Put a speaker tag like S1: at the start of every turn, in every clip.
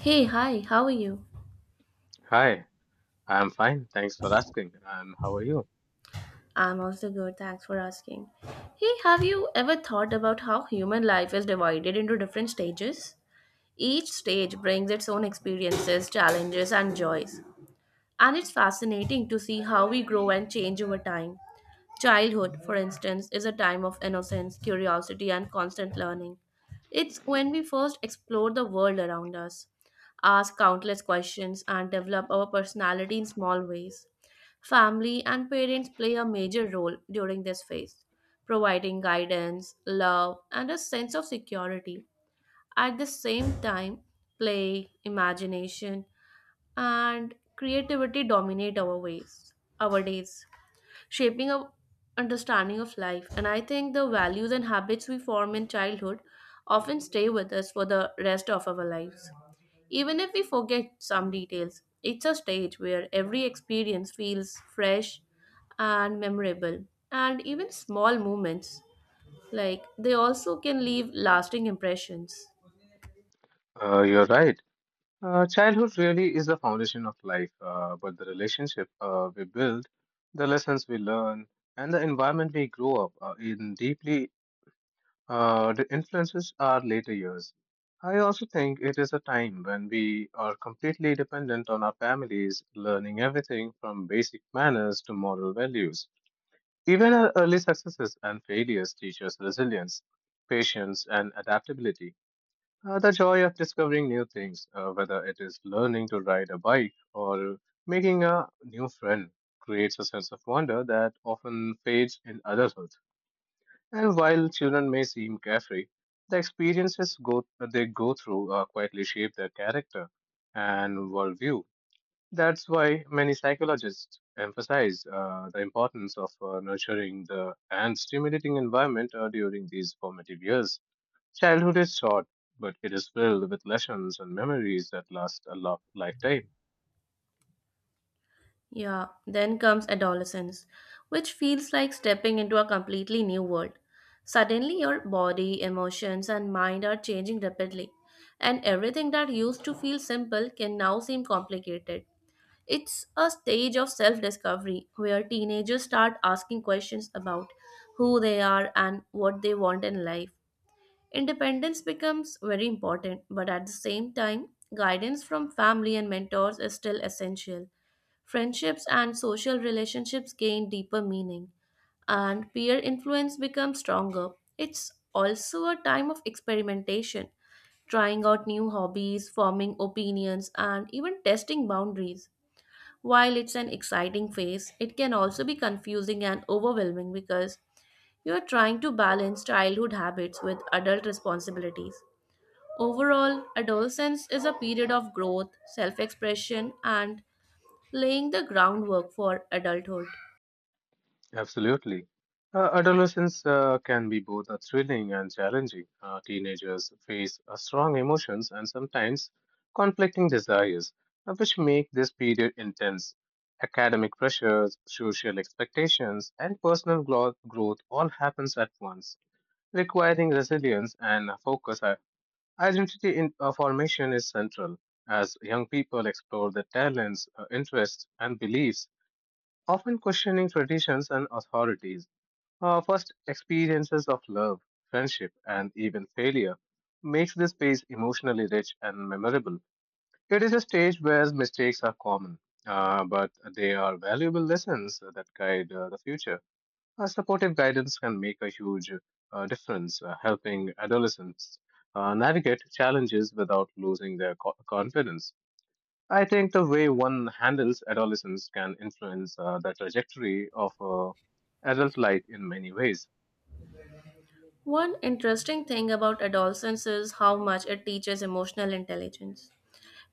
S1: Hey, hi, how are you?
S2: Hi, I'm fine. Thanks for asking. And how are you?
S1: I'm also good, thanks for asking. Hey, have you ever thought about how human life is divided into different stages? Each stage brings its own experiences, challenges, and joys. And it's fascinating to see how we grow and change over time. Childhood, for instance, is a time of innocence, curiosity, and constant learning. It's when we first explore the world around us, ask countless questions, and develop our personality in small ways. Family and parents play a major role during this phase, providing guidance, love, and a sense of security. At the same time, play, imagination, and creativity dominate our days shaping our understanding of life. And I think the values and habits we form in childhood often stay with us for the rest of our lives. Even if we forget some details, it's a stage where every experience feels fresh and memorable. And even small moments, like they also can leave lasting impressions.
S2: You're right. Childhood really is the foundation of life, but the relationship we build, the lessons we learn, and the environment we grow up in deeply the influences our later years. I also think it is a time when we are completely dependent on our families, learning everything from basic manners to moral values. Even our early successes and failures teach us resilience, patience, and adaptability. The joy of discovering new things, whether it is learning to ride a bike or making a new friend, creates a sense of wonder that often fades in adulthood. And while children may seem carefree, the experiences that they go through quietly shape their character and worldview. That's why many psychologists emphasize the importance of nurturing the and stimulating environment during these formative years. Childhood is short, but it is filled with lessons and memories that last a lifetime.
S1: Yeah, then comes adolescence, which feels like stepping into a completely new world. Suddenly, your body, emotions, and mind are changing rapidly, and everything that used to feel simple can now seem complicated. It's a stage of self discovery where teenagers start asking questions about who they are and what they want in life. Independence becomes very important, but at the same time, guidance from family and mentors is still essential. Friendships and social relationships gain deeper meaning, and peer influence becomes stronger. It's also a time of experimentation, trying out new hobbies, forming opinions, and even testing boundaries. While it's an exciting phase, it can also be confusing and overwhelming because you are trying to balance childhood habits with adult responsibilities. Overall, adolescence is a period of growth, self expression, and laying the groundwork for adulthood.
S2: Absolutely. Adolescence can be both thrilling and challenging. Teenagers face strong emotions and sometimes conflicting desires, which make this period intense. Academic pressures, social expectations, and personal growth all happens at once, requiring resilience and focus. Identity formation is central as young people explore their talents, interests, and beliefs, often questioning traditions and authorities. Our first experiences of love, friendship, and even failure makes this phase emotionally rich and memorable. It is a stage where mistakes are common, but they are valuable lessons that guide the future. A supportive guidance can make a huge difference, helping adolescents navigate challenges without losing their confidence. I think the way one handles adolescence can influence the trajectory of adult life in many ways.
S1: One interesting thing about adolescence is how much it teaches emotional intelligence.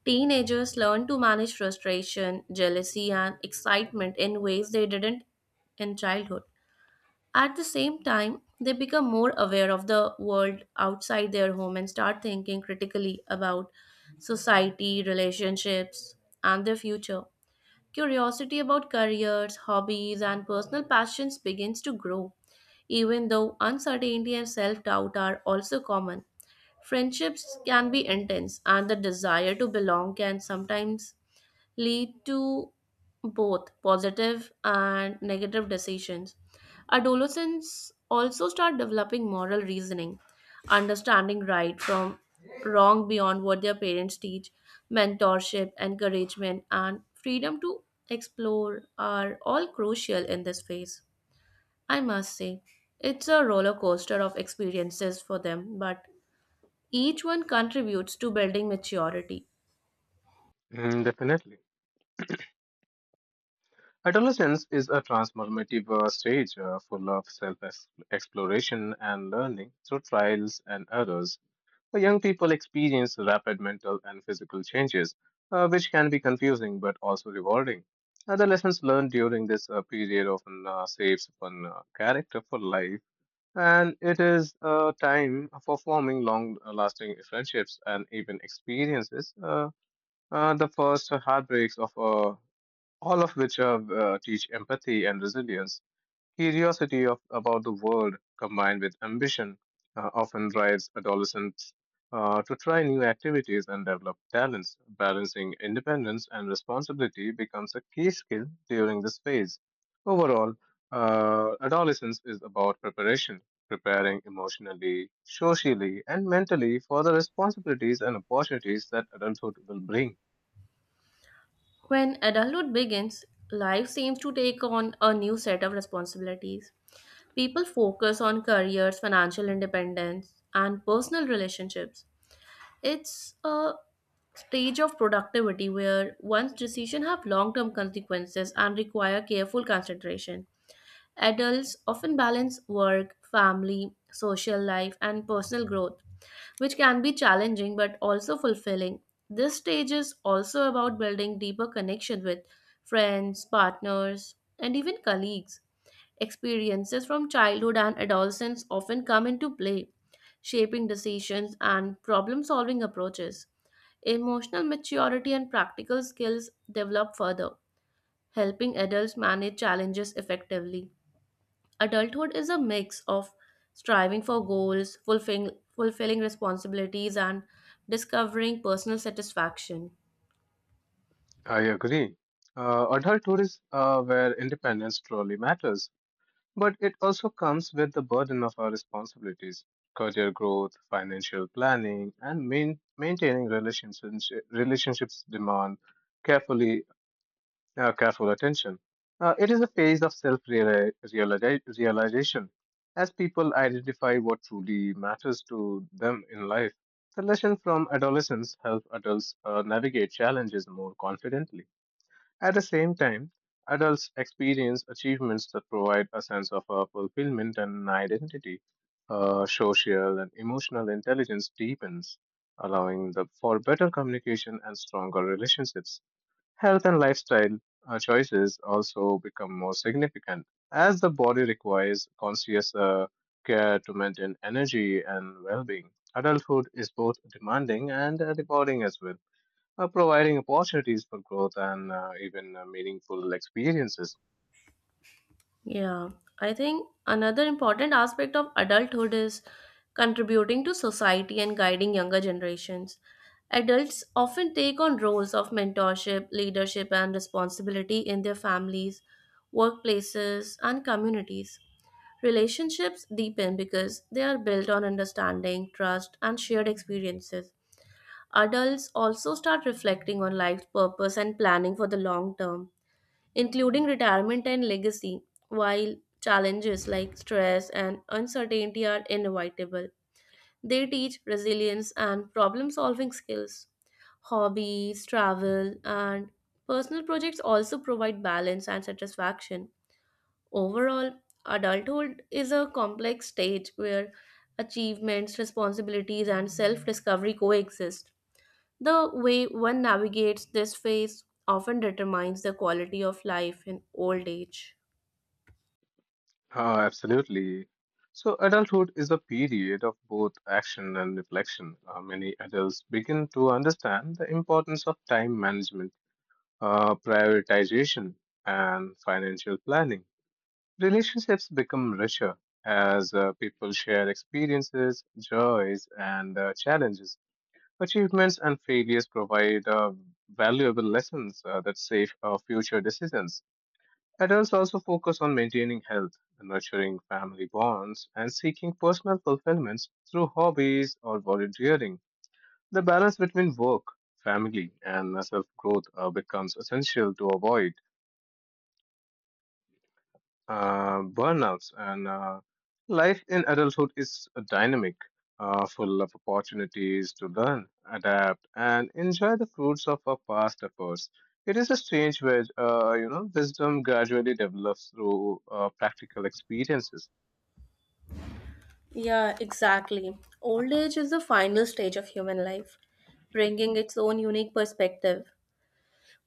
S1: Teenagers learn to manage frustration, jealousy, and excitement in ways they didn't in childhood. At the same time, they become more aware of the world outside their home and start thinking critically about society, relationships, and their future. Curiosity about careers, hobbies, and personal passions begins to grow, even though uncertainty and self doubt are also common. Friendships can be intense, and the desire to belong can sometimes lead to both positive and negative decisions. Adolescents also start developing moral reasoning, understanding right from wrong beyond what their parents teach. Mentorship, encouragement, and freedom to explore are all crucial in this phase. I must say, it's a roller coaster of experiences for them, but each one contributes to building maturity.
S2: Mm, definitely. Adolescence is a transformative stage full of self exploration and learning through trials and errors. The young people experience rapid mental and physical changes, which can be confusing but also rewarding. Lessons learned during this period often shapes one character for life, and it is a time for forming long lasting friendships and even experiences. The first heartbreaks of a all of which teach empathy and resilience. Curiosity about the world combined with ambition often drives adolescents to try new activities and develop talents. Balancing independence and responsibility becomes a key skill during this phase. Overall, adolescence is about preparation, preparing emotionally, socially, and mentally for the responsibilities and opportunities that adulthood will bring.
S1: When adulthood begins, life seems to take on a new set of responsibilities. People focus on careers, financial independence, and personal relationships. It's a stage of productivity where one's decisions have long term consequences and require careful consideration. Adults often balance work, family, social life, and personal growth which can be challenging but also fulfilling. This stage is also about building deeper connection with friends, partners, and even colleagues. Experiences from childhood and adolescence often come into play, shaping decisions and problem solving approaches. Emotional maturity and practical skills develop further, helping adults manage challenges effectively. Adulthood is a mix of striving for goals, fulfilling responsibilities, and discovering personal satisfaction.
S2: I agree. Adulthood is where independence truly matters, but it also comes with the burden of our responsibilities, career growth, financial planning, and maintaining relationships. Relationships demand carefully careful attention. It is a phase of self realization. As people identify what truly matters to them in life, the lesson from adolescence help adults navigate challenges more confidently. At the same time, adults experience achievements that provide a sense of fulfillment and identity. Social and emotional intelligence deepens, allowing the, for better communication and stronger relationships. Health and lifestyle choices also become more significant as the body requires conscious care to maintain energy and well being. Adulthood is both demanding and rewarding as well, providing opportunities for growth and even meaningful experiences.
S1: Yeah, I think another important aspect of adulthood is contributing to society and guiding younger generations. Adults often take on roles of mentorship, leadership, and responsibility in their families, workplaces, and communities. Relationships deepen because they are built on understanding, trust, and shared experiences. Adults also start reflecting on life's purpose and planning for the long term including retirement and legacy, while challenges like stress and uncertainty are inevitable. They teach resilience and problem solving skills. Hobbies, travel, and personal projects also provide balance and satisfaction. Overall, adulthood is a complex stage where achievements, responsibilities, and self discovery coexist. The way one navigates this phase often determines the quality of life in old age.
S2: Absolutely. So, adulthood is a period of both action and reflection. Many adults begin to understand the importance of time management prioritization, and financial planning. Relationships become richer as people share experiences, joys, and challenges. Achievements and failures provide valuable lessons that shape future decisions. Adults also focus on maintaining health, nurturing family bonds, and seeking personal fulfillments through hobbies or volunteering. The balance between work, family, and self growth becomes essential to avoid burnouts and life in adulthood is dynamic full of opportunities to learn adapt and enjoy the fruits of our past efforts it is a strange where you know wisdom gradually develops through practical experiences.
S1: Yeah, exactly. Old age is the final stage of human life, bringing its own unique perspective.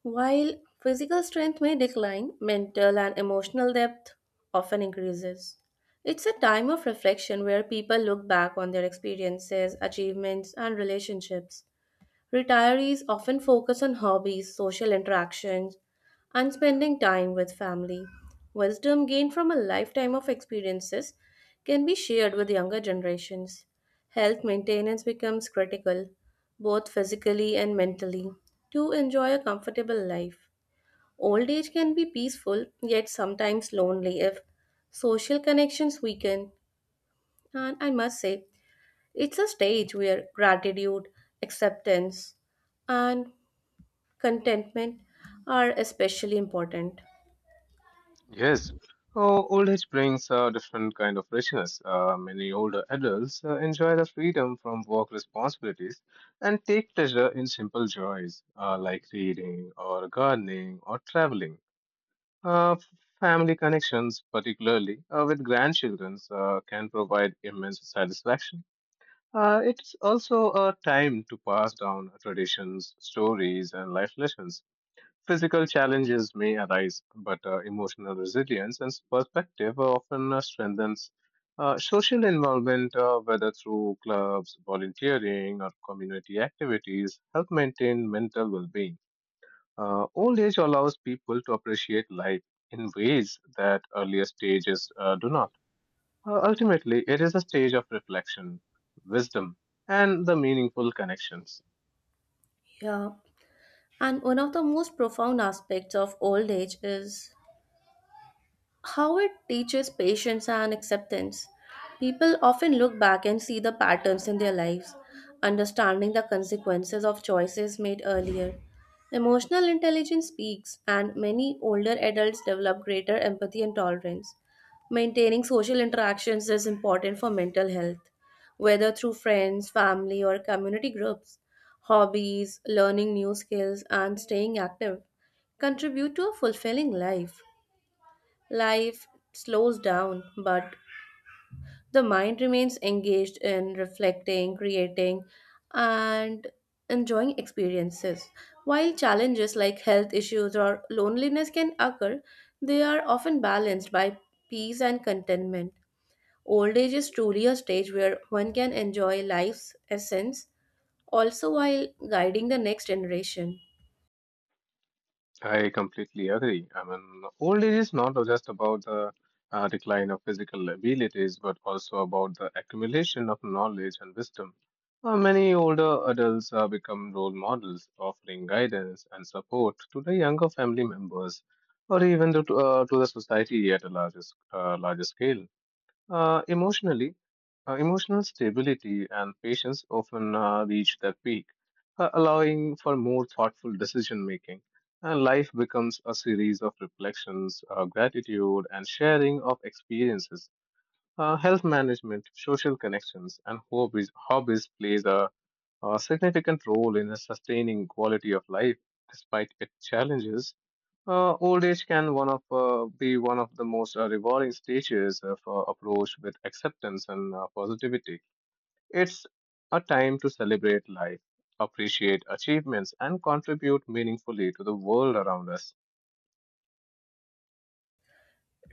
S1: While physical strength may decline, mental and emotional depth often increases. It's a time of reflection where people look back on their experiences, achievements, and relationships. Retirees often focus on hobbies, social interactions, and spending time with family. Wisdom gained from a lifetime of experiences can be shared with younger generations. Health maintenance becomes critical, both physically and mentally, to enjoy a comfortable life. Old age can be peaceful, yet sometimes lonely if social connections weaken. And I must say, it's a stage where gratitude, acceptance, and contentment are especially important.
S2: Yes. Oh, old age brings a different kind of richness. Many older adults enjoy the freedom from work responsibilities and take pleasure in simple joys like reading or gardening or traveling. Uh, family connections, particularly with grandchildren, can provide immense satisfaction. It's also a time to pass down traditions, stories, and life lessons. Physical challenges may arise, but emotional resilience and perspective are often strengthens. Social involvement, whether through clubs, volunteering, or community activities, help maintain mental well-being. Old age allows people to appreciate life in ways that earlier stages do not. Ultimately, it is a stage of reflection, wisdom, and the meaningful connections.
S1: Yeah. And one of the most profound aspects of old age is how it teaches patience and acceptance. People often look back and see the patterns in their lives, understanding the consequences of choices made earlier. Emotional intelligence speaks, and many older adults develop greater empathy and tolerance. Maintaining social interactions is important for mental health, whether through friends, family, or community groups. Hobbies, learning new skills, and staying active contribute to a fulfilling life. Life slows down, but the mind remains engaged in reflecting, creating, and enjoying experiences. While challenges like health issues or loneliness can occur, they are often balanced by peace and contentment. Old age is truly a stage where one can enjoy life's essence also while guiding the next generation.
S2: I completely agree. I mean, old age is not just about the decline of physical abilities, but also about the accumulation of knowledge and wisdom. Many older adults become role models, offering guidance and support to the younger family members, or even to the society at a larger, larger scale. Emotionally, emotional stability and patience often reach their peak, allowing for more thoughtful decision making. And life becomes a series of reflections, gratitude, and sharing of experiences. Health management, social connections, and hobbies plays a significant role in sustaining quality of life despite its challenges. Old age can one of be one of the most rewarding stages of approach with acceptance and positivity. It's a time to celebrate life, appreciate achievements, and contribute meaningfully to the world around us.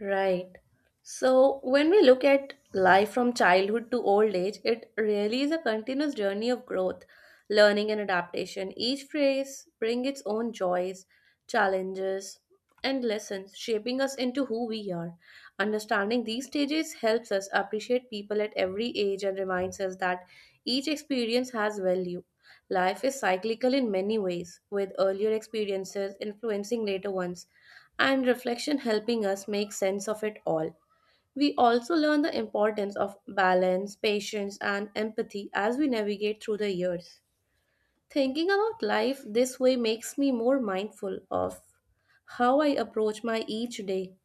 S1: Right. So when we look at life from childhood to old age, it really is a continuous journey of growth, learning, and adaptation. Each phase brings its own joys, challenges, and lessons, shaping us into who we are. Understanding these stages helps us appreciate people at every age and reminds us that each experience has value. Life is cyclical in many ways, with earlier experiences influencing later ones and reflection helping us make sense of it all. We also learn the importance of balance, patience, and empathy as we navigate through the years. Thinking about life this way makes me more mindful of how I approach my each day.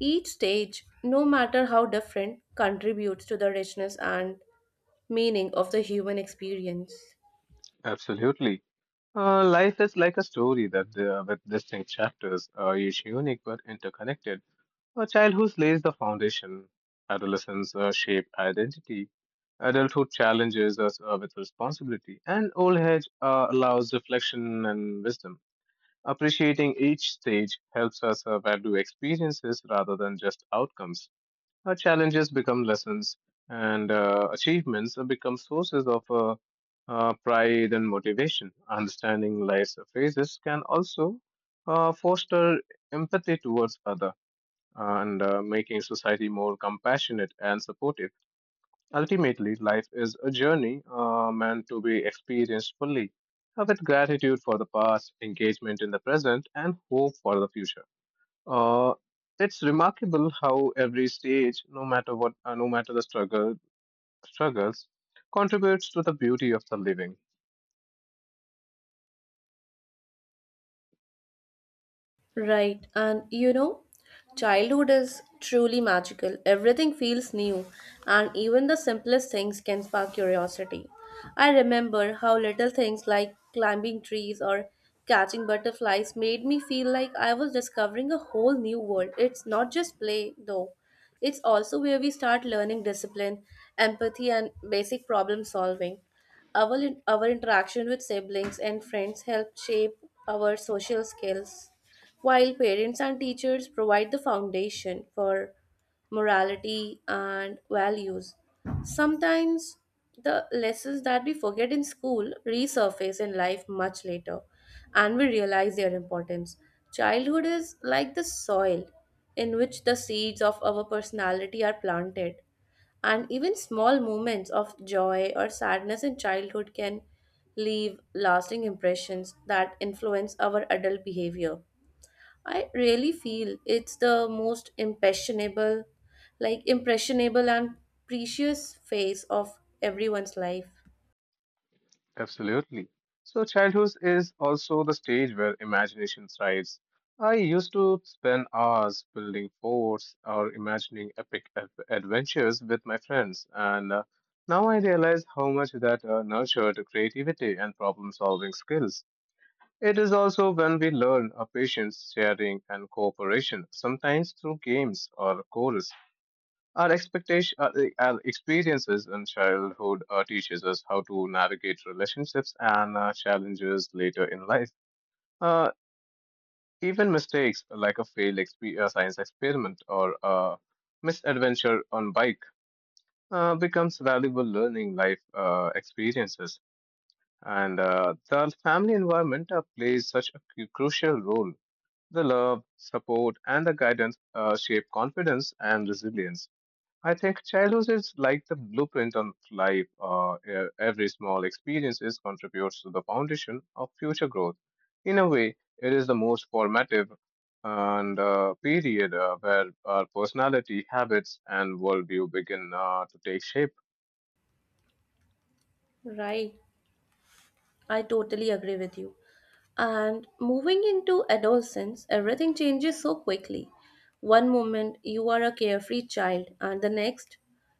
S1: Each stage, no matter how different, contributes to the richness and meaning of the human experience.
S2: Absolutely. Life is like a story that with distinct chapters, each unique but interconnected. A childhood lays the foundation. Adolescence shape identity. Adulthood challenges us with responsibility, and old age allows reflection and wisdom. Appreciating each stage helps us value experiences rather than just outcomes. Our challenges become lessons, and achievements become sources of pride and motivation. Understanding life's phases can also foster empathy towards others and making society more compassionate and supportive. Ultimately, life is a journey meant to be experienced fully, with gratitude for the past, engagement in the present, and hope for the future. Uh, it's remarkable how every stage, no matter what, no matter the struggles, contributes to the beauty of the living.
S1: Right, and you know, childhood is truly magical. Everything feels new, and even the simplest things can spark curiosity. I remember how little things like climbing trees or catching butterflies made me feel like I was discovering a whole new world. It's not just play, though, it's also where we start learning discipline, empathy, and basic problem solving. Our, our interaction with siblings and friends help shape our social skills while parents and teachers provide the foundation for morality and values. Sometimes the lessons that we forget in school resurface in life much later and we realize their importance. Childhood is like the soil in which the seeds of our personality are planted, and even small moments of joy or sadness in childhood can leave lasting impressions that influence our adult behavior. I really feel it's the most impressionable, like impressionable and precious phase of everyone's life.
S2: Absolutely. So childhood is also the stage where imagination thrives. I used to spend hours building forts or imagining epic adventures with my friends, and now I realize how much that nurtured creativity and problem-solving skills. It is also when we learn our patience, sharing, and cooperation, sometimes through games or chorus. Our experiences in childhood teaches us how to navigate relationships and challenges later in life. Uh, even mistakes like a science experiment or a misadventure on bike becomes valuable learning life experiences. And the family environment plays such a crucial role. The love, support, and the guidance shape confidence and resilience. I think childhood is like the blueprint on life. Every small experiences contributes to the foundation of future growth. In a way, it is the most formative and period where our personality, habits, and worldview begin to take shape.
S1: Right, I totally agree with you. And moving into adolescence, everything changes so quickly. One moment you are a carefree child, and the next,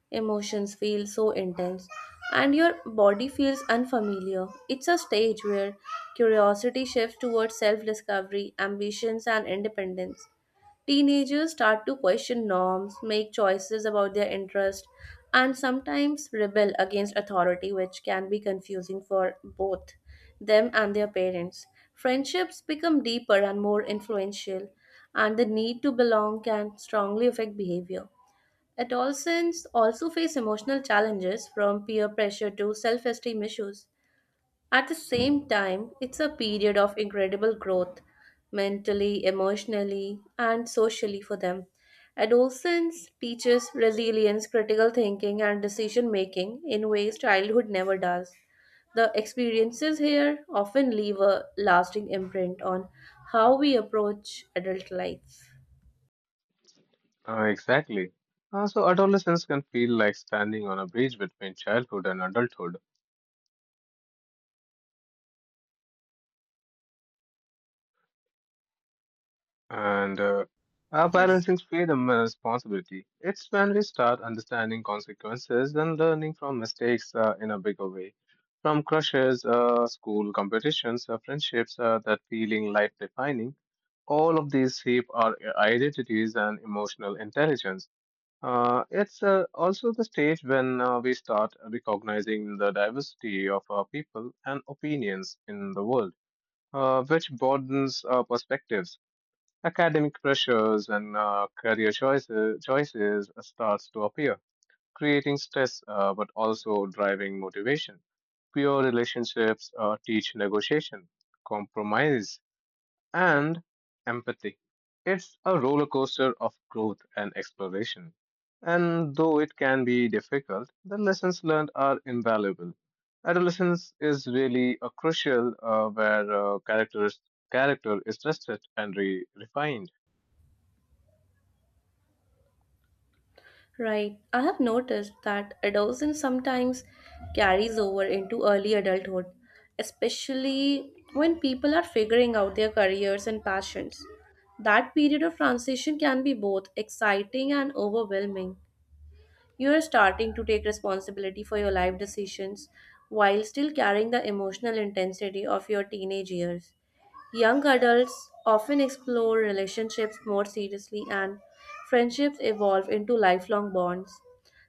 S1: emotions feel so intense, and your body feels unfamiliar. It's a stage where curiosity shifts towards self discovery, ambitions, and independence. Teenagers start to question norms, make choices about their interest, and sometimes rebel against authority, which can be confusing for both them and their parents. Friendships become deeper and more influential, and the need to belong can strongly affect behavior. Adolescents also face emotional challenges from peer pressure to self esteem issues. At the same time, it's a period of incredible growth mentally, emotionally, and socially for them. Adolescence teaches resilience, critical thinking, and decision making in ways childhood never does. The experiences here often leave a lasting imprint on how we approach adult life.
S2: Exactly. So adolescence can feel like standing on a bridge between childhood and adulthood. And our
S1: Yes.
S2: balancing freedom and responsibility. It's when we start understanding consequences and learning from mistakes in a bigger way. From crushes, school competitions, friendships that feeling life defining, all of these shape our identities and emotional intelligence. It's also the stage when we start recognizing the diversity of our people and opinions in the world, which broadens our perspectives academic pressures and career choices starts to appear, creating stress but also driving motivation. Pure relationships teach negotiation, compromise, and empathy. It's a roller coaster of growth and exploration. And though it can be difficult, the lessons learned are invaluable. Adolescence is really a crucial where character is tested and refined.
S1: Right. I have noticed that adolescence sometimes carries over into early adulthood, especially when people are figuring out their careers and passions. That period of transition can be both exciting and overwhelming. You are starting to take responsibility for your life decisions while still carrying the emotional intensity of your teenage years. Young adults often explore relationships more seriously, and friendships evolve into lifelong bonds.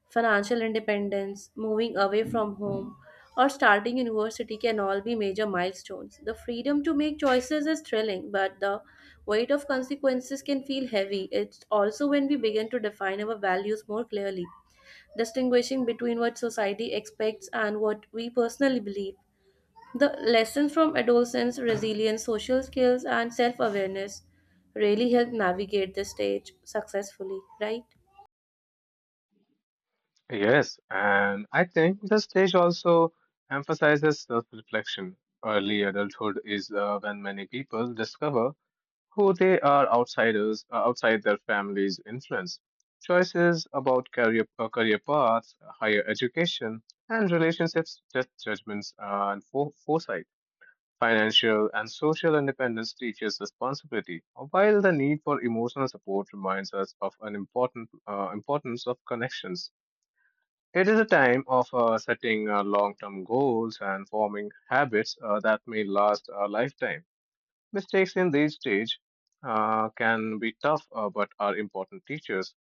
S1: Financial independence, moving away from home, or starting university can all be major milestones. The freedom to make choices is thrilling, but the weight of consequences can feel heavy. It's also when we begin to define our values more clearly, distinguishing between what society expects and what we personally believe. The lessons from adolescence, resilience, social skills, and self awareness really help navigate this stage successfully, right?
S2: Yes, and I think the stage also emphasizes self-reflection. Early adulthood is when many people discover who they are outsiders outside their family's influence. Choices about career paths, higher education, and relationships test judgments and foresight. Financial and social independence teaches responsibility, while the need for emotional support reminds us of an important importance of connections. It is a time of setting long term goals and forming habits that may last a lifetime. Mistakes in this stage can be tough but are important teachers.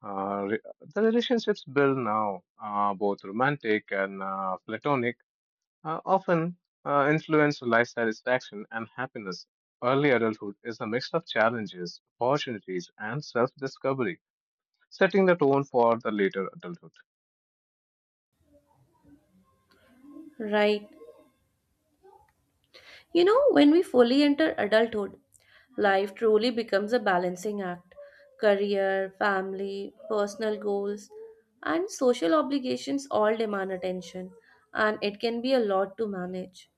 S2: Uh, re- the relationships built now, both romantic and platonic, often influence life satisfaction and happiness. Early adulthood is a mix of challenges, opportunities, and self discovery, setting the tone for the later adulthood.
S1: Right. You know, when we fully enter adulthood, life truly becomes a balancing act. Career, family, personal goals, and social obligations all demand attention, and it can be a lot to manage.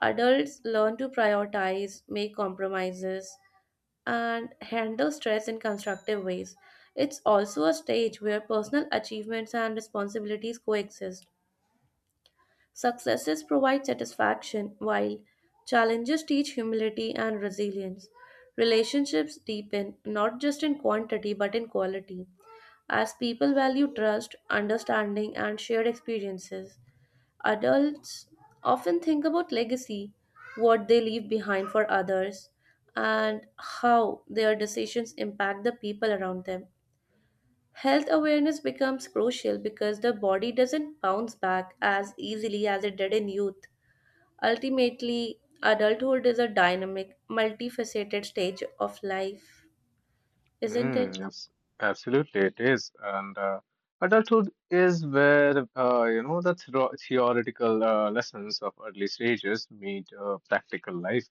S1: Adults learn to prioritize, make compromises, and handle stress in constructive ways. It's also a stage where personal achievements and responsibilities coexist. Successes provide satisfaction, while challenges teach humility and resilience. Relationships deepen not just in quantity but in quality, as people value trust, understanding, and shared experiences. Adults often think about legacy, what they leave behind for others, and how their decisions impact the people around them. Health awareness becomes crucial because the body doesn't bounce back as easily as it did in youth. Ultimately, adulthood is a dynamic, multifaceted stage of life, isn't
S2: Mm,
S1: it?
S2: yes, absolutely, it is. And adulthood is where you know the theoretical lessons of early stages meet practical life.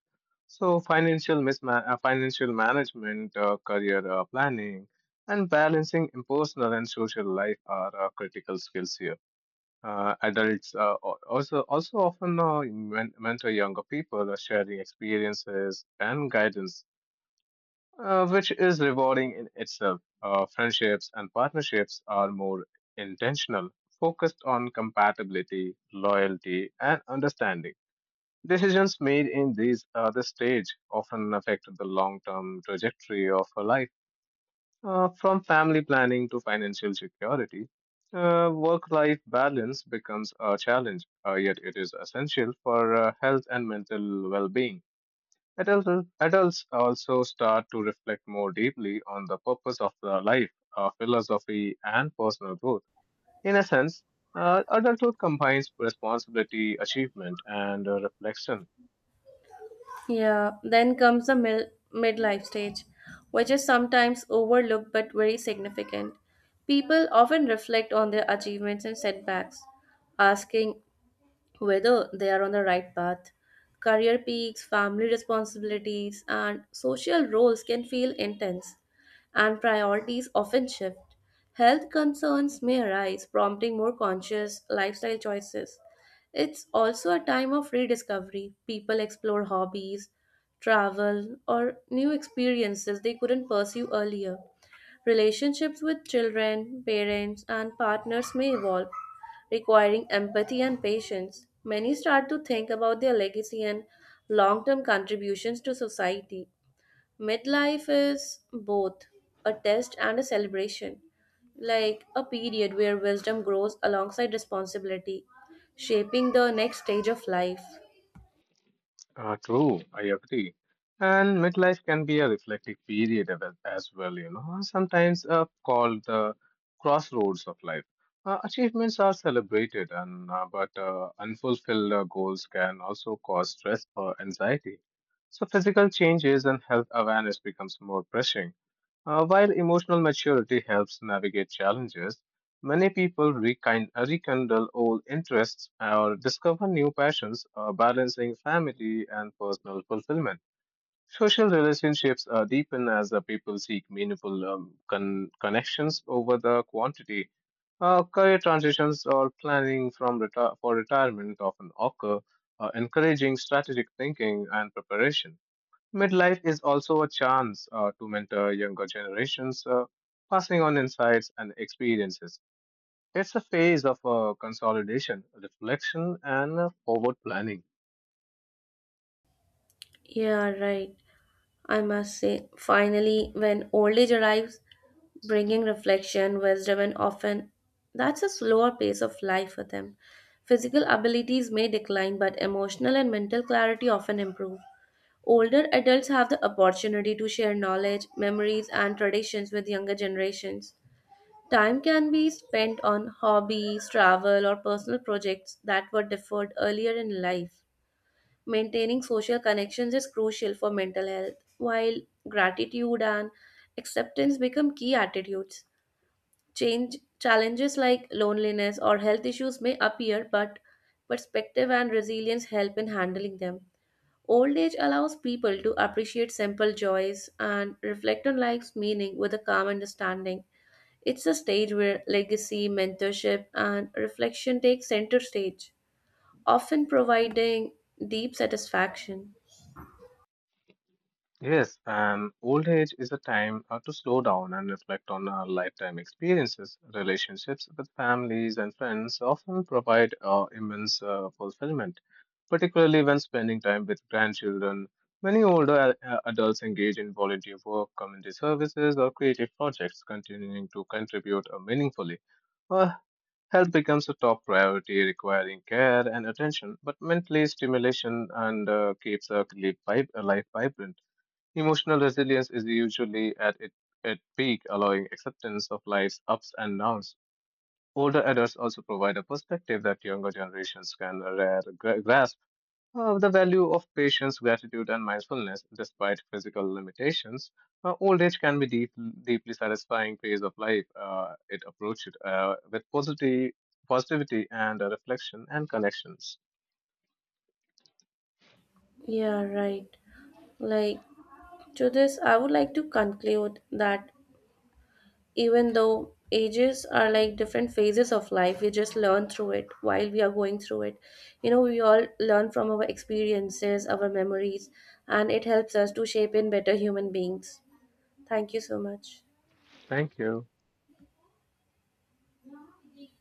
S2: So financial management, career planning, and balancing personal and social life are critical skills here. Adults also often mentor younger people, sharing experiences and guidance which is rewarding in itself. Friendships and partnerships are more intentional, focused on compatibility, loyalty, and understanding. Decisions made in these other stage often affect the long-term trajectory of a life, from family planning to financial security. Work-life balance becomes a challenge, yet it is essential for health and mental well-being. Adults also start to reflect more deeply on the purpose of their life, philosophy, and personal growth. In a sense, adulthood combines responsibility, achievement, and reflection.
S1: Yeah, then comes the midlife stage, which is sometimes overlooked but very significant. People often reflect on their achievements and setbacks, asking whether they are on the right path. Career peaks, family responsibilities, and social roles can feel intense, and priorities often shift. Health concerns may arise, prompting more conscious lifestyle choices. It's also a time of rediscovery. People explore hobbies, travel, or new experiences they couldn't pursue earlier. Relationships with children, parents, and partners may evolve, requiring empathy and patience. Many start to think about their legacy and long term contributions to society. Midlife is both a test and a celebration, like a period where wisdom grows alongside responsibility, shaping the next stage of life.
S2: True, I agree. And midlife can be a reflective period of it as well, you know, sometimes called the crossroads of life. Achievements are celebrated, and but unfulfilled goals can also cause stress or anxiety. So physical changes and health awareness becomes more pressing. While emotional maturity helps navigate challenges, many people rekindle old interests or discover new passions, balancing family and personal fulfillment. Social relationships deepen as the people seek meaningful connections over the quantity. Career transitions or planning from for retirement often occur, encouraging strategic thinking and preparation. Midlife is also a chance to mentor younger generations, passing on insights and experiences. It's a phase of consolidation, reflection, and forward planning.
S1: Yeah, right. I must say, finally, when old age arrives, bringing reflection, wisdom, and often that's a slower pace of life for them. Physical abilities may decline, but emotional and mental clarity often improve. Older adults have the opportunity to share knowledge, memories, and traditions with younger generations. Time can be spent on hobbies, travel, or personal projects that were deferred earlier in life. Maintaining social connections is crucial for mental health, while gratitude and acceptance become key attitudes. Change challenges like loneliness or health issues may appear, but perspective and resilience help in handling them. Old age allows people to appreciate simple joys and reflect on life's meaning with a calm understanding. It's a stage where legacy, mentorship, and reflection take center stage, often providing deep satisfaction.
S2: Yes, and old age is a time to slow down and reflect on our lifetime experiences. Relationships with families and friends often provide immense fulfillment, particularly when spending time with grandchildren. Many older adults engage in volunteer work, community services, or creative projects, continuing to contribute meaningfully. Uh, Health becomes a top priority, requiring care and attention, but mentally stimulation and keeps a life vibrant. Emotional resilience is usually at peak, allowing acceptance of life's ups and downs. Older adults also provide a perspective that younger generations can rare grasp of the value of patience, gratitude, and mindfulness. Despite physical limitations, uh, old age can be deeply satisfying phase of life. It approached with positivity and reflection and connections.
S1: Yeah, right. Like to this, I would like to conclude that even though ages are like different phases of life, we just learn through it while we are going through it. You know, we all learn from our experiences, our memories, and it helps us to shape in better human beings. Thank you so much.
S2: Thank you.